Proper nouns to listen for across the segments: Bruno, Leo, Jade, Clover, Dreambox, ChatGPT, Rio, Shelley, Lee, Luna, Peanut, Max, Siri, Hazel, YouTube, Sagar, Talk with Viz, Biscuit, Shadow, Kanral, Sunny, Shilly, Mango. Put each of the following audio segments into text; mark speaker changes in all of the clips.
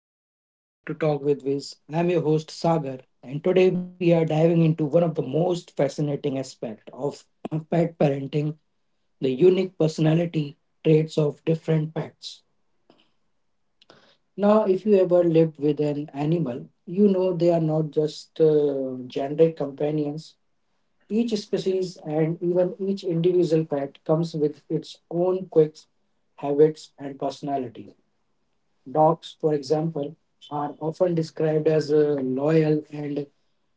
Speaker 1: Hello and welcome back to Talk with Viz. I'm your host Sagar, and today we are diving into one of the most fascinating aspects of pet parenting, the unique personality traits of different pets. Now, if you ever lived with an animal, you know they are not just generic companions. Each species and even each individual pet comes with its own quirks, habits, and personality. Dogs, for example, are often described as loyal and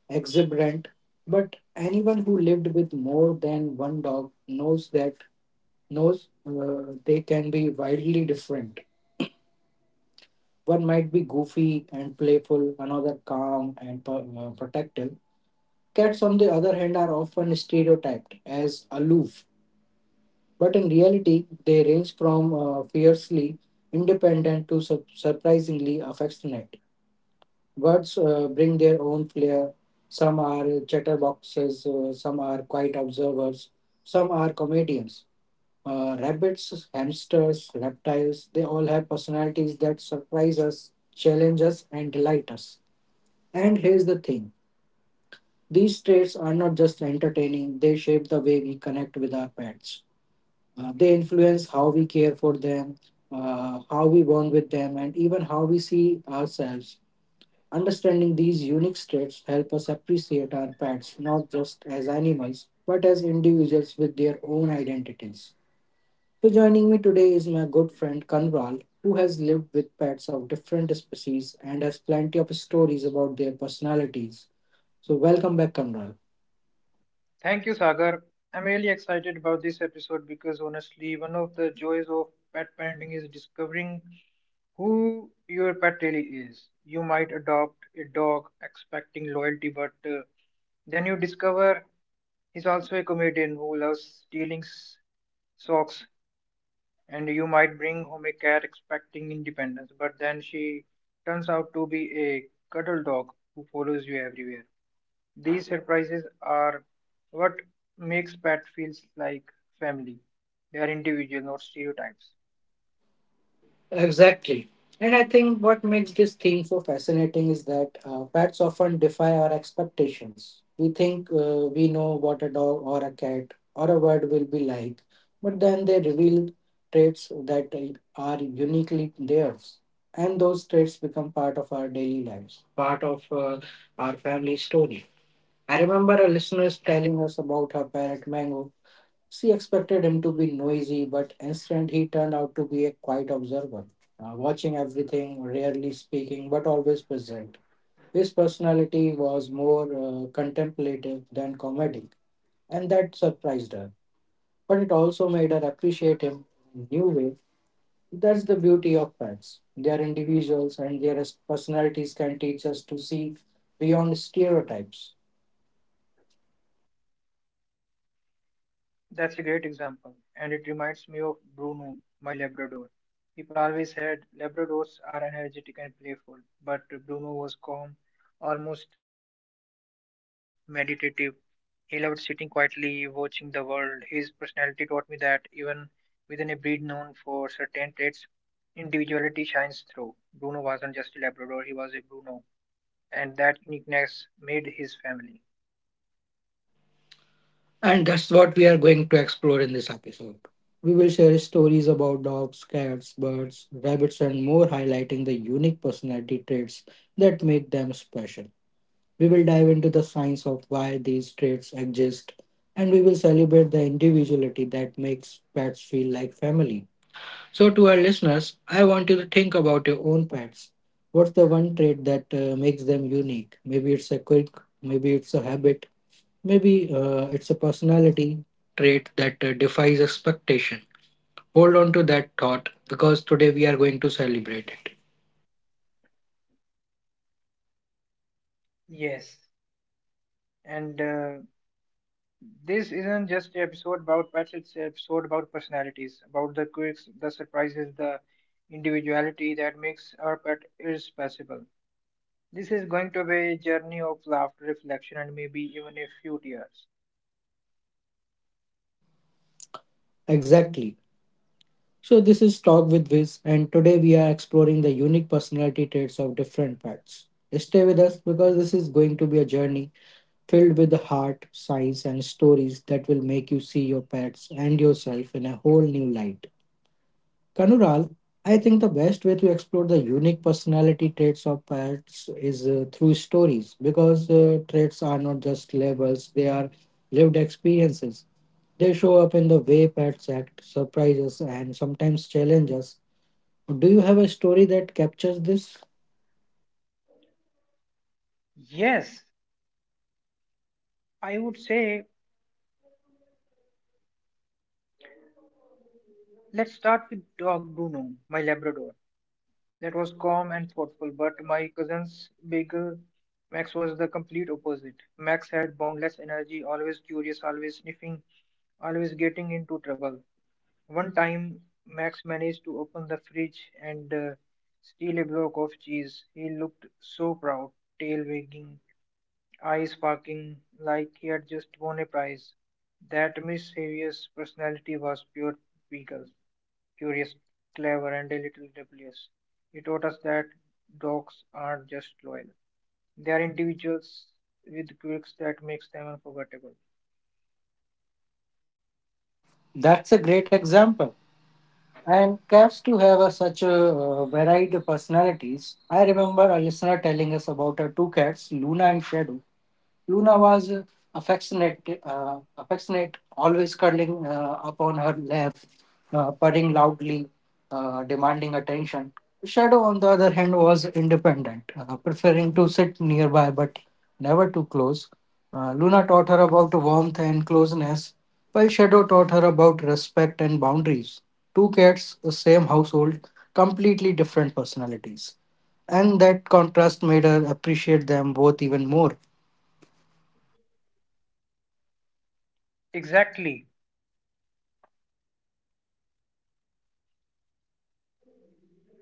Speaker 1: exuberant, but anyone who lived with more than one dog knows they can be wildly different. One might be goofy and playful, another calm and protective. Cats, on the other hand, are often stereotyped as aloof, but in reality, they range from fiercely independent to surprisingly affectionate. Words bring their own flair. Some are chatterboxes, some are quiet observers, some are comedians. Rabbits, hamsters, reptiles, they all have personalities that surprise us, challenge us, and delight us. And here's the thing, these traits are not just entertaining, they shape the way we connect with our pets. They influence how we care for them, how we bond with them, and even how we see ourselves. Understanding these unique traits help us appreciate our pets not just as animals but as individuals with their own identities. So joining me today is my good friend Kanral who has lived with pets of different species and has plenty of stories about their personalities. So welcome back, Kanral.
Speaker 2: Thank you, Sagar. I'm really excited about this episode because honestly, one of the joys of pet parenting is discovering who your pet really is. You might adopt a dog expecting loyalty, but then you discover he's also a comedian who loves stealing socks, and you might bring home a cat expecting independence, but then she turns out to be a cuddle dog who follows you everywhere. These surprises are what makes pet feels like family. They are individual, not stereotypes.
Speaker 1: Exactly. And I think what makes this theme so fascinating is that pets often defy our expectations. We know what a dog or a cat or a bird will be like, but then they reveal traits that are uniquely theirs. And those traits become part of our daily lives, part of our family story. I remember a listener telling us about her parrot Mango. She expected him to be noisy, but instead he turned out to be a quiet observer, watching everything, rarely speaking, but always present. His personality was more contemplative than comedic, and that surprised her. But it also made her appreciate him in a new way. That's the beauty of pets. They are individuals, and their personalities can teach us to see beyond stereotypes.
Speaker 2: That's a great example, and it reminds me of Bruno, my Labrador. People always said Labradors are energetic and playful, but Bruno was calm, almost meditative. He loved sitting quietly, watching the world. His personality taught me that even within a breed known for certain traits, individuality shines through. Bruno wasn't just a Labrador, he was a Bruno, and that uniqueness made his family.
Speaker 1: And that's what we are going to explore in this episode. We will share stories about dogs, cats, birds, rabbits, and more, highlighting the unique personality traits that make them special. We will dive into the science of why these traits exist, and we will celebrate the individuality that makes pets feel like family. So, to our listeners, I want you to think about your own pets. What's the one trait that makes them unique? Maybe it's a quirk, maybe it's a habit, maybe it's a personality trait that defies expectation. Hold on to that thought because today we are going to celebrate it.
Speaker 2: Yes, and this isn't just an episode about pets, it's an episode about personalities, about the quirks, the surprises, the individuality that makes our pet irreplaceable. This is going to be a journey of laughter, reflection, and maybe even a few tears.
Speaker 1: Exactly. So, this is Talk with Viz, and today we are exploring the unique personality traits of different pets. Stay with us because this is going to be a journey filled with the heart, science, and stories that will make you see your pets and yourself in a whole new light. Kanural, I think the best way to explore the unique personality traits of pets is through stories because traits are not just labels, they are lived experiences. They show up in the way pets act, surprise us, and sometimes challenge us. Do you have a story that captures this?
Speaker 2: Yes, I would say let's start with dog Bruno, my Labrador, that was calm and thoughtful, but my cousin's bigger Max was the complete opposite. Max had boundless energy, always curious, always sniffing, always getting into trouble. One time, Max managed to open the fridge and steal a block of cheese. He looked so proud, tail wagging, eyes sparkling, like he had just won a prize. That mischievous personality was pure beagle. Curious, clever, and a little rebellious, he taught us that dogs aren't just loyal. They are individuals with quirks that makes them unforgettable.
Speaker 1: That's a great example. And cats too have a, such a varied personalities. I remember a listener telling us about her two cats, Luna and Shadow. Luna was affectionate, always curling upon her lap, purring loudly, demanding attention. Shadow, on the other hand, was independent, preferring to sit nearby but never too close. Luna taught her about warmth and closeness, while Shadow taught her about respect and boundaries. Two cats, the same household, completely different personalities. And that contrast made her appreciate them both even more.
Speaker 2: Exactly,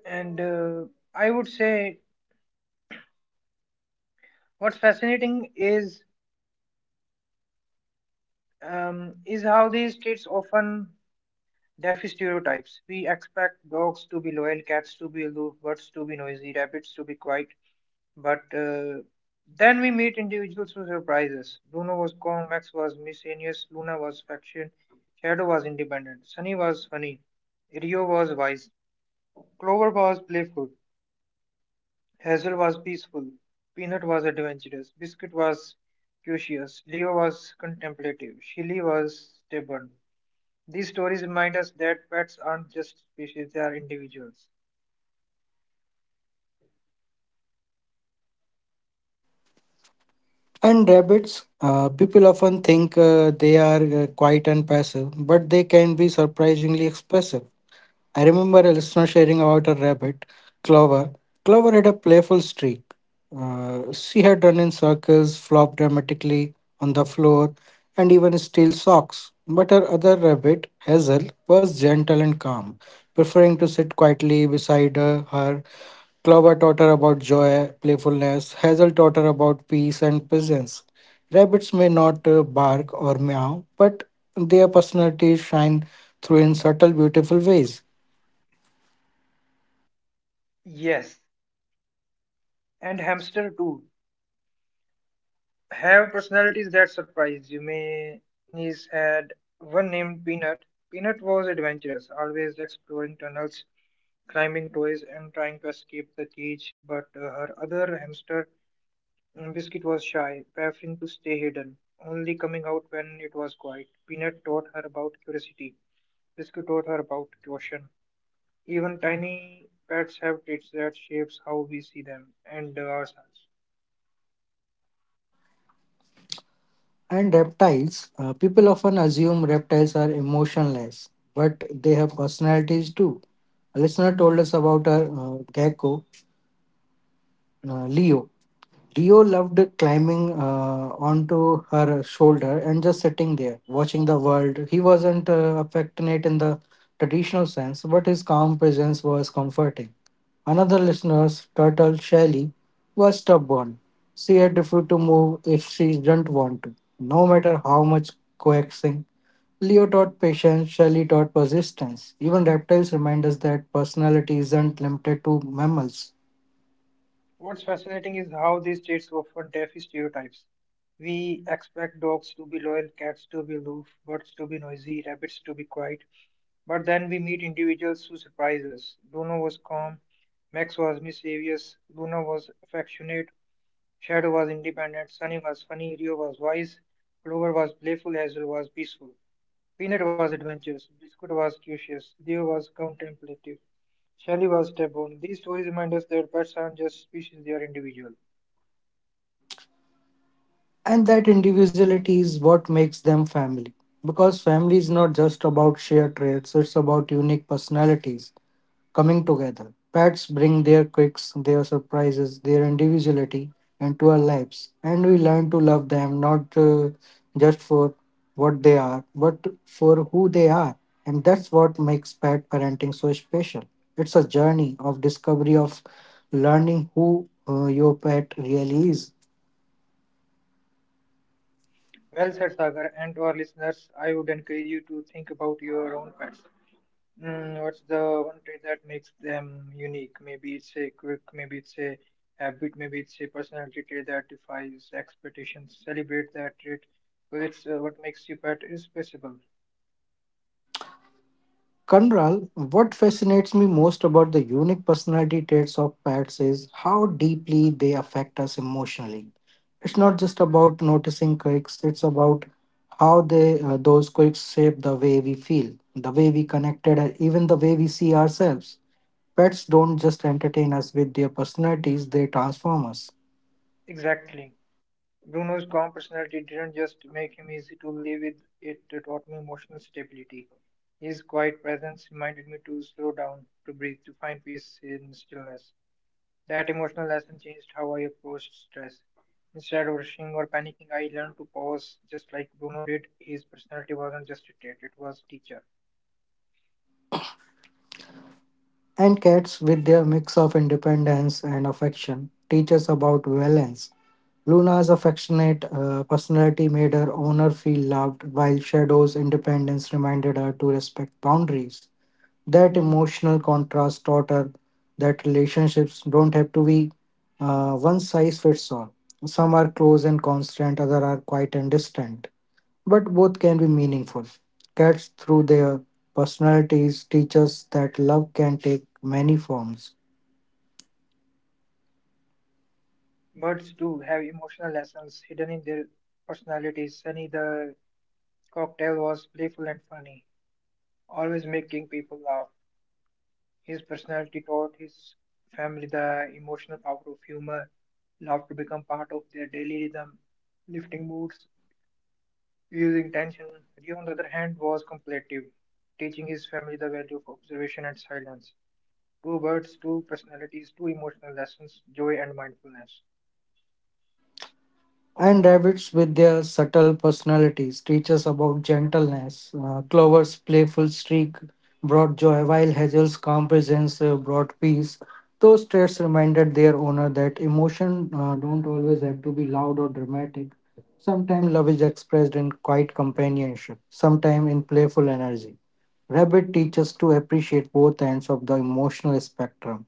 Speaker 2: and I would say what's fascinating is how these traits often defy stereotypes. We expect dogs to be loyal, cats to be aloof, birds to be noisy, rabbits to be quiet, but then we meet individuals who surprise us. Bruno was calm, Max was miscellaneous, Luna was faction, Shadow was independent, Sunny was funny, Rio was wise, Clover was playful, Hazel was peaceful, Peanut was adventurous, Biscuit was curious, Leo was contemplative, Shilly was stubborn. These stories remind us that pets aren't just species, they are individuals.
Speaker 1: And rabbits, people often think they are quiet and passive, but they can be surprisingly expressive. I remember a listener sharing about her rabbit, Clover. Clover had a playful streak. She had run in circles, flopped dramatically on the floor, and even steal socks. But her other rabbit, Hazel, was gentle and calm, preferring to sit quietly beside her. Clover taught her about joy, playfulness. Hazel taught her about peace and presence. Rabbits may not bark or meow, but their personalities shine through in subtle, beautiful ways.
Speaker 2: Yes, and hamster too have personalities that surprise you. Mayonnaise had one named Peanut. Peanut was adventurous, always exploring tunnels, climbing toys, and trying to escape the cage. But her other hamster, Biscuit, was shy, preferring to stay hidden, only coming out when it was quiet. Peanut taught her about curiosity. Biscuit taught her about caution. Even tiny pets have traits that shapes how we see them and ourselves.
Speaker 1: And reptiles. People often assume reptiles are emotionless, but they have personalities too. A listener told us about a gecko, Leo. Rio loved climbing onto her shoulder and just sitting there, watching the world. He wasn't affectionate in the traditional sense, but his calm presence was comforting. Another listener's turtle, Shelley, was stubborn. She had refused to move if she didn't want to, no matter how much coaxing. Leo taught patience, Shelley taught persistence. Even reptiles remind us that personality isn't limited to mammals.
Speaker 2: What's fascinating is how these traits often deaf stereotypes. We expect dogs to be loyal, cats to be aloof, birds to be noisy, rabbits to be quiet. But then we meet individuals who surprise us. Bruno was calm, Max was mischievous, Luna was affectionate, Shadow was independent, Sunny was funny, Rio was wise, Clover was playful, Hazel was peaceful, Peanut was adventurous, Biscuit was curious, Leo was contemplative, Shelly was stubborn. These stories remind us that pets aren't just species, they are individual.
Speaker 1: And that individuality is what makes them family. Because family is not just about shared traits, it's about unique personalities coming together. Pets bring their quirks, their surprises, their individuality into our lives, and we learn to love them not just for what they are, but for who they are. And that's what makes pet parenting so special. It's a journey of discovery of learning who your pet really is.
Speaker 2: Well said, Sagar, and to our listeners, I would encourage you to think about your own pets. What's the one trait that makes them unique? Maybe it's a quirk, maybe it's a habit, maybe it's a personality trait that defies expectations. Celebrate that trait because it's what makes your pet irreplaceable.
Speaker 1: Kanral, what fascinates me most about the unique personality traits of pets is how deeply they affect us emotionally. It's not just about noticing quirks, it's about how they those quirks shape the way we feel, the way we connected, and even the way we see ourselves. Pets don't just entertain us with their personalities, they transform us.
Speaker 2: Exactly. Bruno's calm personality didn't just make him easy to live with, it taught me emotional stability. His quiet presence reminded me to slow down, to breathe, to find peace in stillness. That emotional lesson changed how I approached stress. Instead of rushing or panicking, I learned to pause just like Bruno did. His personality wasn't just a trait, it was teacher.
Speaker 1: And cats, with their mix of independence and affection, teach us about balance. Luna's affectionate personality made her owner feel loved, while Shadow's independence reminded her to respect boundaries. That emotional contrast taught her that relationships don't have to be one size fits all. Some are close and constant, others are quiet and distant, but both can be meaningful. Cats, through their personalities, teach us that love can take many forms.
Speaker 2: Birds do have emotional lessons hidden in their personalities. Sunny the cocktail was playful and funny, always making people laugh. His personality taught his family the emotional power of humor, love to become part of their daily rhythm, lifting moods, using tension. Lee, on the other hand, was contemplative, teaching his family the value of observation and silence. Two birds, two personalities, two emotional lessons, joy and mindfulness.
Speaker 1: And rabbits, with their subtle personalities, teach us about gentleness. Clover's playful streak brought joy, while Hazel's calm presence brought peace. Those traits reminded their owner that emotion don't always have to be loud or dramatic. Sometimes love is expressed in quiet companionship, sometimes in playful energy. Rabbit teaches to appreciate both ends of the emotional spectrum.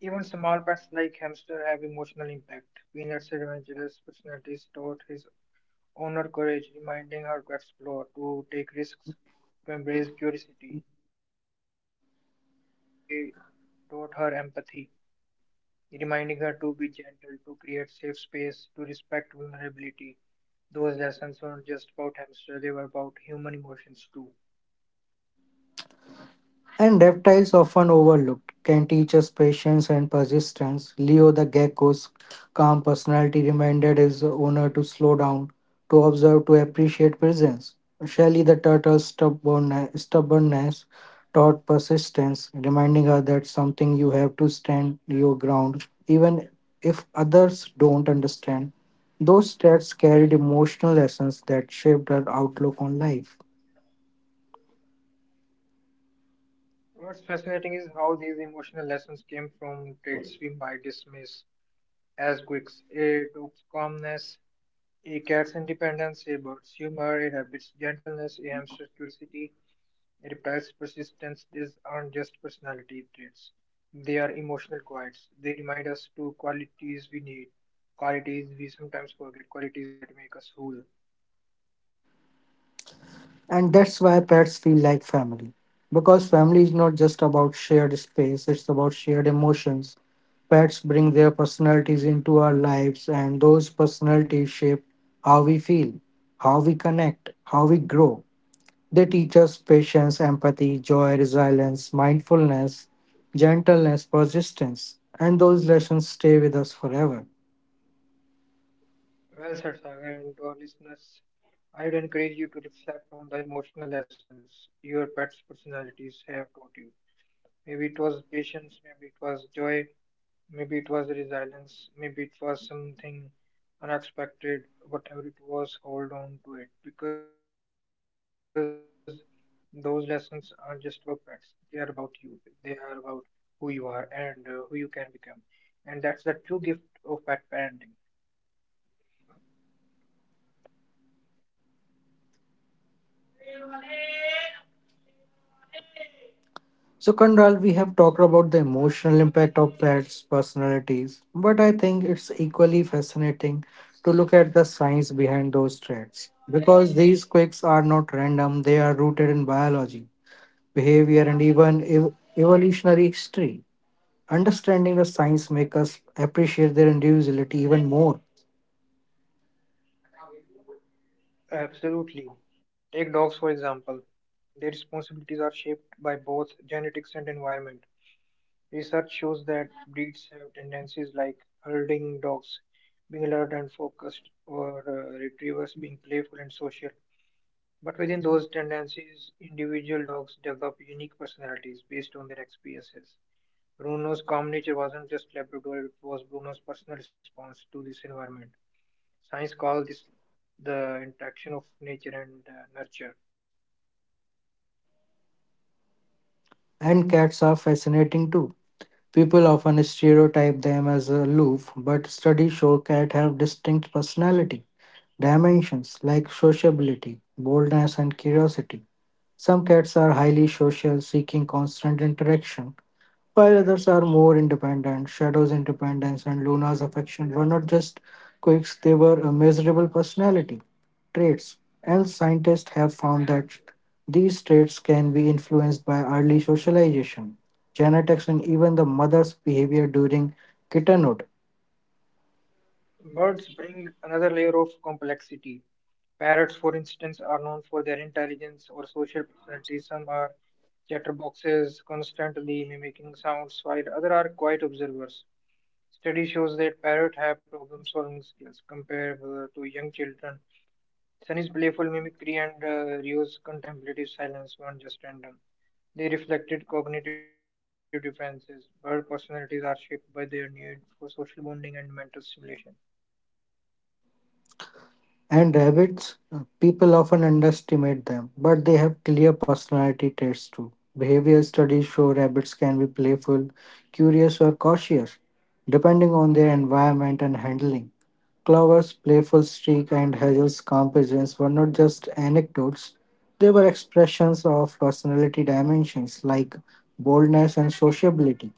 Speaker 2: Even small pets like hamster have emotional impact. Peanut's adventurous personalities taught his owner courage, reminding her to explore, to take risks, to embrace curiosity. Biscuit's shy personality taught her empathy, reminding her to be gentle, to create safe space, to respect vulnerability. Those lessons weren't just about hamster, they were about human emotions too.
Speaker 1: And reptiles, often overlooked, can teach us patience and persistence. Leo the gecko's calm personality reminded his owner to slow down, to observe, to appreciate presence. Shelley the turtle's stubbornness taught persistence, reminding her that something you have to stand your ground, even if others don't understand. Those stats carried emotional lessons that shaped her outlook on life.
Speaker 2: What's fascinating is how these emotional lessons came from traits we might dismiss as quirks: a dog's calmness, a cat's independence, a bird's humor, a rabbit's gentleness, a hamster's curiosity, a reptile's persistence. These aren't just personality traits; they are emotional quirks. They remind us to qualities we need, qualities we sometimes forget, qualities that make us whole.
Speaker 1: And that's why pets feel like family. Because family is not just about shared space, it's about shared emotions. Pets bring their personalities into our lives, and those personalities shape how we feel, how we connect, how we grow. They teach us patience, empathy, joy, resilience, mindfulness, gentleness, persistence, and those lessons stay with us forever.
Speaker 2: Well said, Sagar, and to our listeners, I would encourage you to reflect on the emotional lessons your pet's personalities have taught you. Maybe it was patience, maybe it was joy, maybe it was resilience, maybe it was something unexpected, whatever it was, hold on to it because those lessons aren't just about pets, they are about you, they are about who you are and who you can become. And that's the true gift of pet parenting.
Speaker 1: So, Kandral, we have talked about the emotional impact of pets' personalities, but I think it's equally fascinating to look at the science behind those traits because these quirks are not random, they are rooted in biology, behavior, and even evolutionary history. Understanding the science makes us appreciate their individuality even more,
Speaker 2: Absolutely. Take dogs, for example. Their responsibilities are shaped by both genetics and environment. Research shows that breeds have tendencies like herding dogs being alert and focused, or retrievers being playful and social. But within those tendencies, individual dogs develop unique personalities based on their experiences. Bruno's calm nature wasn't just Labrador, it was Bruno's personal response to this environment. Science calls this the interaction of nature and nurture.
Speaker 1: and cats are fascinating too. People often stereotype them as aloof, but studies show cats have distinct personality dimensions like sociability, boldness, and curiosity. Some cats are highly social, seeking constant interaction, while others are more independent. Shadow's independence and Luna's affection were not just quirks, they were a measurable personality traits. And scientists have found that these traits can be influenced by early socialization, genetics, and even the mother's behavior during kittenhood.
Speaker 2: Birds bring another layer of complexity. Parrots, for instance, are known for their intelligence or social personality. Some are chatterboxes, constantly mimicking sounds, while others are quiet observers. Study shows that parrots have problem-solving skills comparable to young children. Sunny's playful mimicry and Rio's contemplative silence weren't just random. They reflected cognitive differences. Bird personalities are shaped by their need for social bonding and mental stimulation.
Speaker 1: And rabbits, people often underestimate them, but they have clear personality traits too. Behavior studies show rabbits can be playful, curious, or cautious, depending on their environment and handling. Clover's playful streak and Hazel's calm presence were not just anecdotes, they were expressions of personality dimensions like boldness and sociability.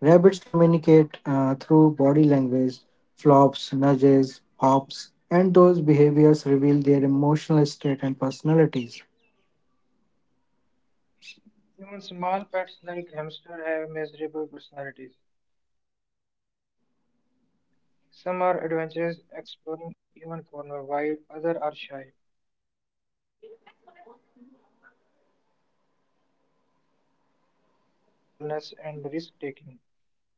Speaker 1: Rabbits communicate through body language, flops, nudges, hops, and those behaviors reveal their emotional state and personalities.
Speaker 2: Even small pets like hamster have miserable personalities. Some are adventurous, exploring even corner, while others are shy, preferring to stay hidden. Scientists call his exploratory behavior, and it's linked to traits like boldness and risk taking.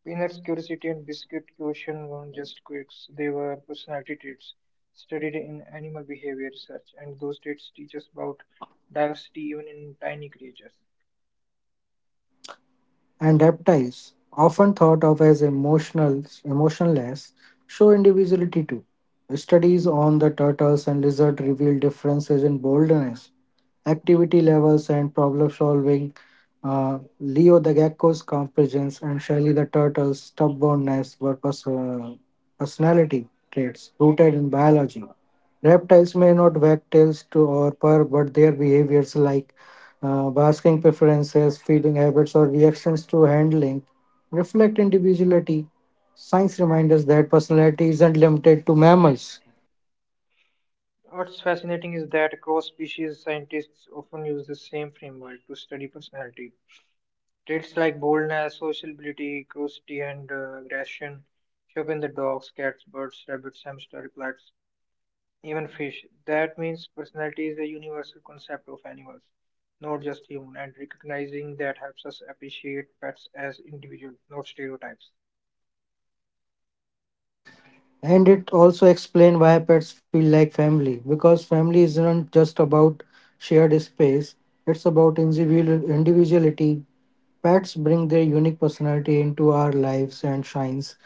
Speaker 2: Peanut's curiosity and biscuit caution weren't just quirks; they were personality traits studied in animal behavior research, and those traits teach us about diversity even in tiny creatures.
Speaker 1: And reptiles, often thought of as emotional, emotionless, show individuality too. Studies on the turtles and lizard reveal differences in boldness, activity levels, and problem solving. Leo the gecko's competence and Shelly the turtle's stubbornness were personality traits rooted in biology. Reptiles may not wag tails to or purr, but their behaviors like basking preferences, feeding habits, or reactions to handling reflect individuality. Science reminds us that personality isn't limited to mammals.
Speaker 2: What's fascinating is that cross species scientists often use the same framework to study personality. Traits like boldness, sociability, curiosity, and aggression show up in the dogs, cats, birds, rabbits, hamster, plants, even fish. That means personality is a universal concept of animals, not just human, and recognizing that helps us appreciate pets as individuals, not stereotypes.
Speaker 1: And it also explains why pets feel like family, because family isn't just about shared space, it's about individual individuality. Pets bring their unique personality into our lives and shines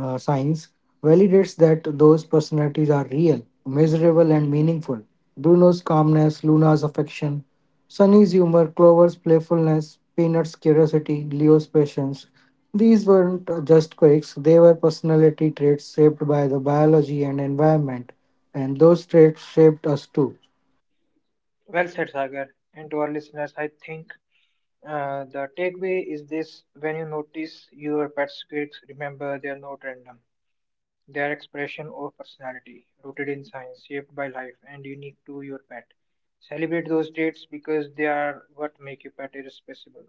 Speaker 1: science validates that those personalities are real, measurable, and meaningful. Bruno's calmness, Luna's affection, Sunny's humor, Clover's playfulness, Peanut's curiosity, Leo's patience. These weren't just quirks, they were personality traits shaped by the biology and environment, and those traits shaped us too.
Speaker 2: Well said, Sagar. And to our listeners, I think the takeaway is this: when you notice your pet's quirks, remember they are not random. They are expression of personality, rooted in science, shaped by life, and unique to your pet. Celebrate those traits because they are what make your pet irreplaceable.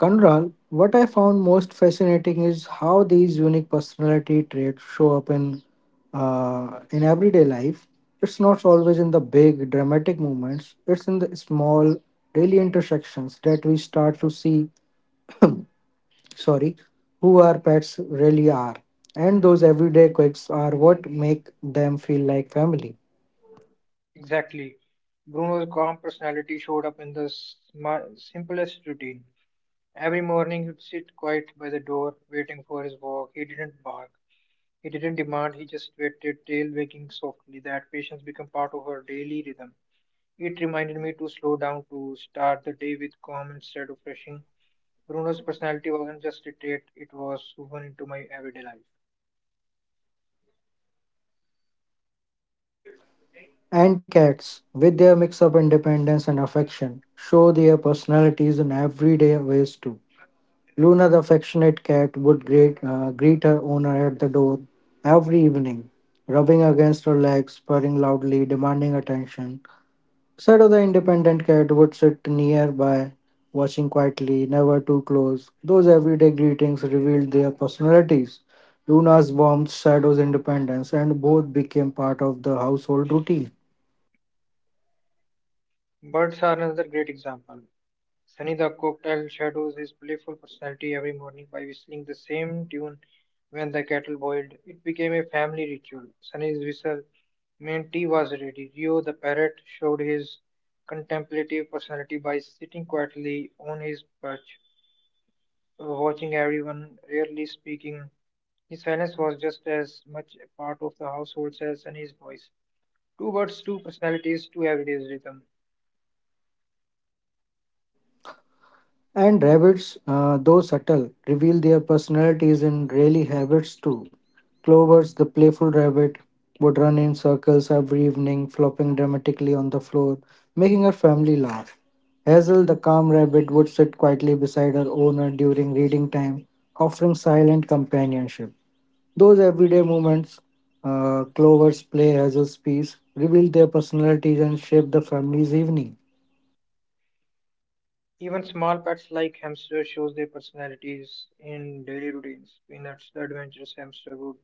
Speaker 1: Kanral, what I found most fascinating is how these unique personality traits show up in in everyday life. It's not always in the big dramatic moments. It's in the small daily intersections that we start to see. Sorry, who our pets really are, and those everyday quirks are what make them feel like family.
Speaker 2: Exactly. Bruno's calm personality showed up in the simplest routine. Every morning he'd sit quiet by the door, waiting for his walk. He didn't bark. He didn't demand, he just waited, tail wagging softly. That patience became part of her daily rhythm. It reminded me to slow down to start the day with calm instead of rushing. Bruno's personality wasn't just a trait, it was woven into my everyday life.
Speaker 1: And cats, with their mix of independence and affection, show their personalities in everyday ways too. Luna, the affectionate cat, would greet her owner at the door every evening, rubbing against her legs, purring loudly, demanding attention. Shadow, the independent cat, would sit nearby, watching quietly, never too close. Those everyday greetings revealed their personalities. Luna's warmth, Shadow's independence, and both became part of the household routine.
Speaker 2: Birds are another great example. Sunny the cocktail shadows his playful personality every morning by whistling the same tune when the kettle boiled. It became a family ritual. Sunny's whistle meant tea was ready. Rio the parrot showed his contemplative personality by sitting quietly on his perch, watching everyone, rarely speaking. His fairness was just as much a part of the household as Sunny's voice. Two birds, two personalities, two everyday's rhythm.
Speaker 1: And rabbits, though subtle, reveal their personalities in daily habits too. Clovers, the playful rabbit, would run in circles every evening, flopping dramatically on the floor, making her family laugh. Hazel, the calm rabbit, would sit quietly beside her owner during reading time, offering silent companionship. Those everyday moments, Clover's play, Hazel's peace, reveal their personalities and shape the family's evening.
Speaker 2: Even small pets like hamsters shows their personalities in daily routines. Peanuts, the adventurous hamster, would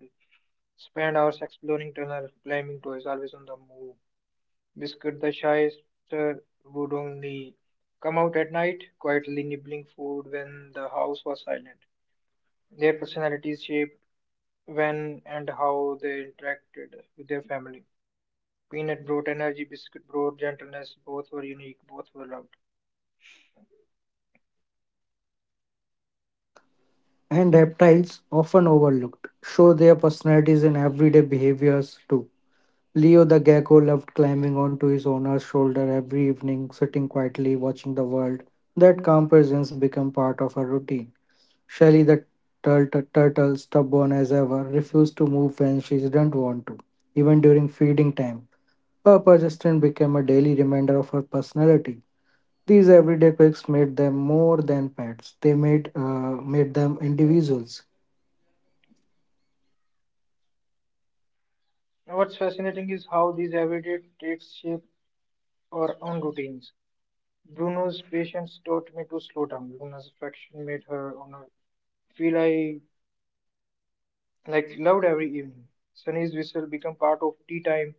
Speaker 2: spend hours exploring tunnels, climbing toys, always on the move. Biscuit, the shyster, would only come out at night, quietly nibbling food when the house was silent. Their personalities shaped when and how they interacted with their family. Peanut brought energy, biscuit brought gentleness. Both were unique, both were loved.
Speaker 1: And reptiles, often overlooked, show their personalities in everyday behaviors too. Leo the gecko loved climbing onto his owner's shoulder every evening, sitting quietly, watching the world. That calm presence became part of her routine. Shelly the turtle, stubborn as ever, refused to move when she didn't want to, even during feeding time. Her persistence became a daily reminder of her personality. These everyday quirks made them more than pets; they made them individuals.
Speaker 2: Now, what's fascinating is how these everyday traits shape our own routines. Bruno's patience taught me to slow down. Luna's affection made her honor feel I like loved every evening. Sunny's whistle became part of tea time.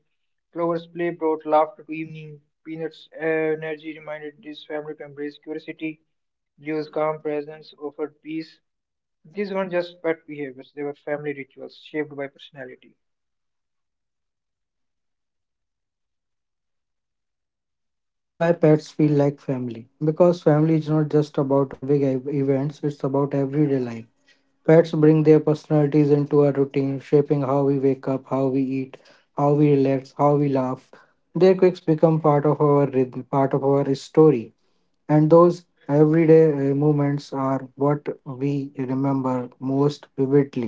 Speaker 2: Clover's play brought laughter to evening. Peanut's energy reminded this family to embrace curiosity. Leo's calm presence offered peace. These weren't just pet behaviors, they were family rituals shaped by personality.
Speaker 1: And that's why pets feel like family. Because family is not just about big events, it's about everyday life. Pets bring their personalities into our routine, shaping how we wake up, how we eat, how we relax, how we laugh. Their quirks become part of our rhythm, part of our story. And those everyday moments are what we remember most vividly.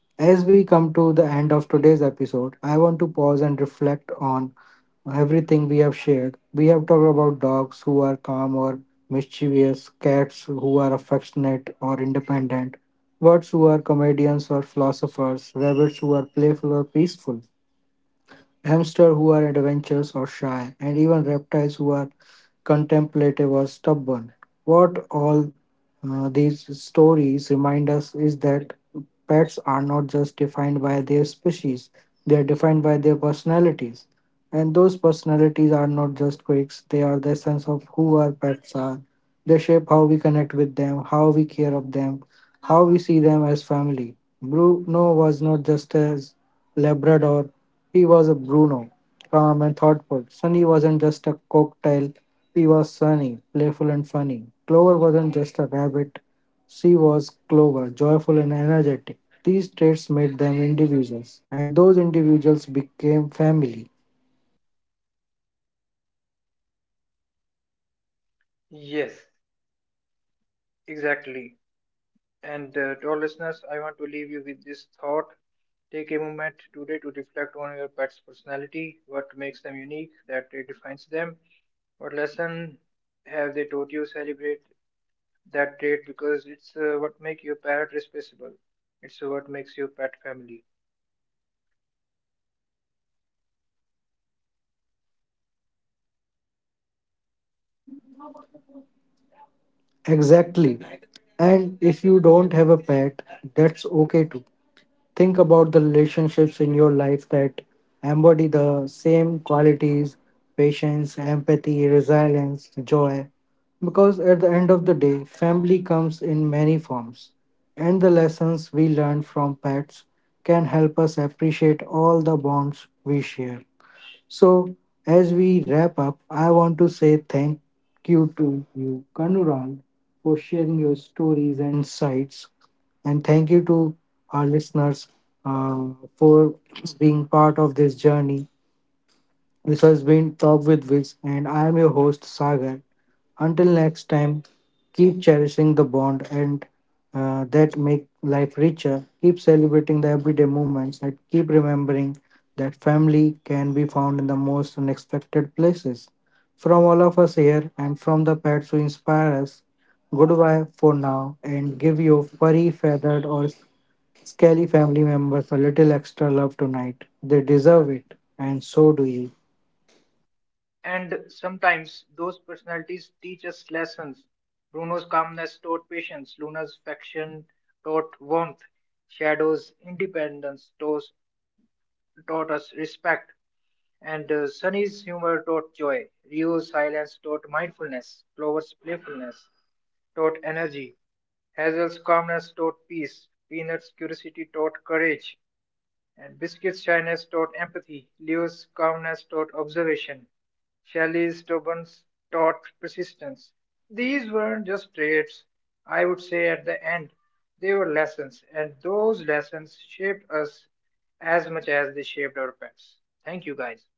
Speaker 1: As we come to the end of today's episode, I want to pause and reflect on everything we have shared. We have talked about dogs who are calm or mischievous, cats who are affectionate or independent, birds who are comedians or philosophers, rabbits who are playful or peaceful, hamsters who are adventurous or shy, and even reptiles who are contemplative or stubborn. What all these stories remind us is that pets are not just defined by their species, they are defined by their personalities. And those personalities are not just quirks, they are the essence of who our pets are. They shape how we connect with them, how we care of them, how we see them as family. Bruno was not just a Labrador, he was a Bruno, calm and thoughtful. Sunny wasn't just a cocktail, he was sunny, playful, and funny. Clover wasn't just a rabbit, she was Clover, joyful and energetic. These traits made them individuals, and those individuals became family.
Speaker 2: Yes, exactly. And to our listeners, I want to leave you with this thought. Take a moment today to reflect on your pet's personality, what makes them unique, that trait defines them, what lesson have they taught you, celebrate that trait because it's what makes your parrot responsible. It's what makes your pet family.
Speaker 1: Exactly. And if you don't have a pet, that's okay too. Think about the relationships in your life that embody the same qualities: patience, empathy, resilience, joy. Because at the end of the day, family comes in many forms, and the lessons we learn from pets can help us appreciate all the bonds we share. So, as we wrap up, I want to say thank you to you, Kanural, for sharing your stories and insights. And thank you to our listeners uh, for being part of this journey. This has been Talk with Wiz, and I am your host, Sagar. Until next time, keep cherishing the bond and that make life richer. Keep celebrating the everyday moments and keep remembering that family can be found in the most unexpected places. From all of us here and from the pets who inspire us, goodbye for now, and give your furry, feathered, or scaly family members a little extra love tonight. They deserve it, and so do you.
Speaker 2: And sometimes those personalities teach us lessons. Bruno's calmness taught patience, Luna's affection taught warmth, Shadow's independence taught us respect, and Sunny's humor taught joy. Rio's silence taught mindfulness. Clover's playfulness taught energy. Hazel's calmness taught peace. Peanut's curiosity taught courage and Biscuit's shyness taught empathy, Leo's calmness taught observation, Shelley's stubbornness taught persistence. These weren't just traits, I would say at the end, they were lessons, and those lessons shaped us as much as they shaped our pets. Thank you guys.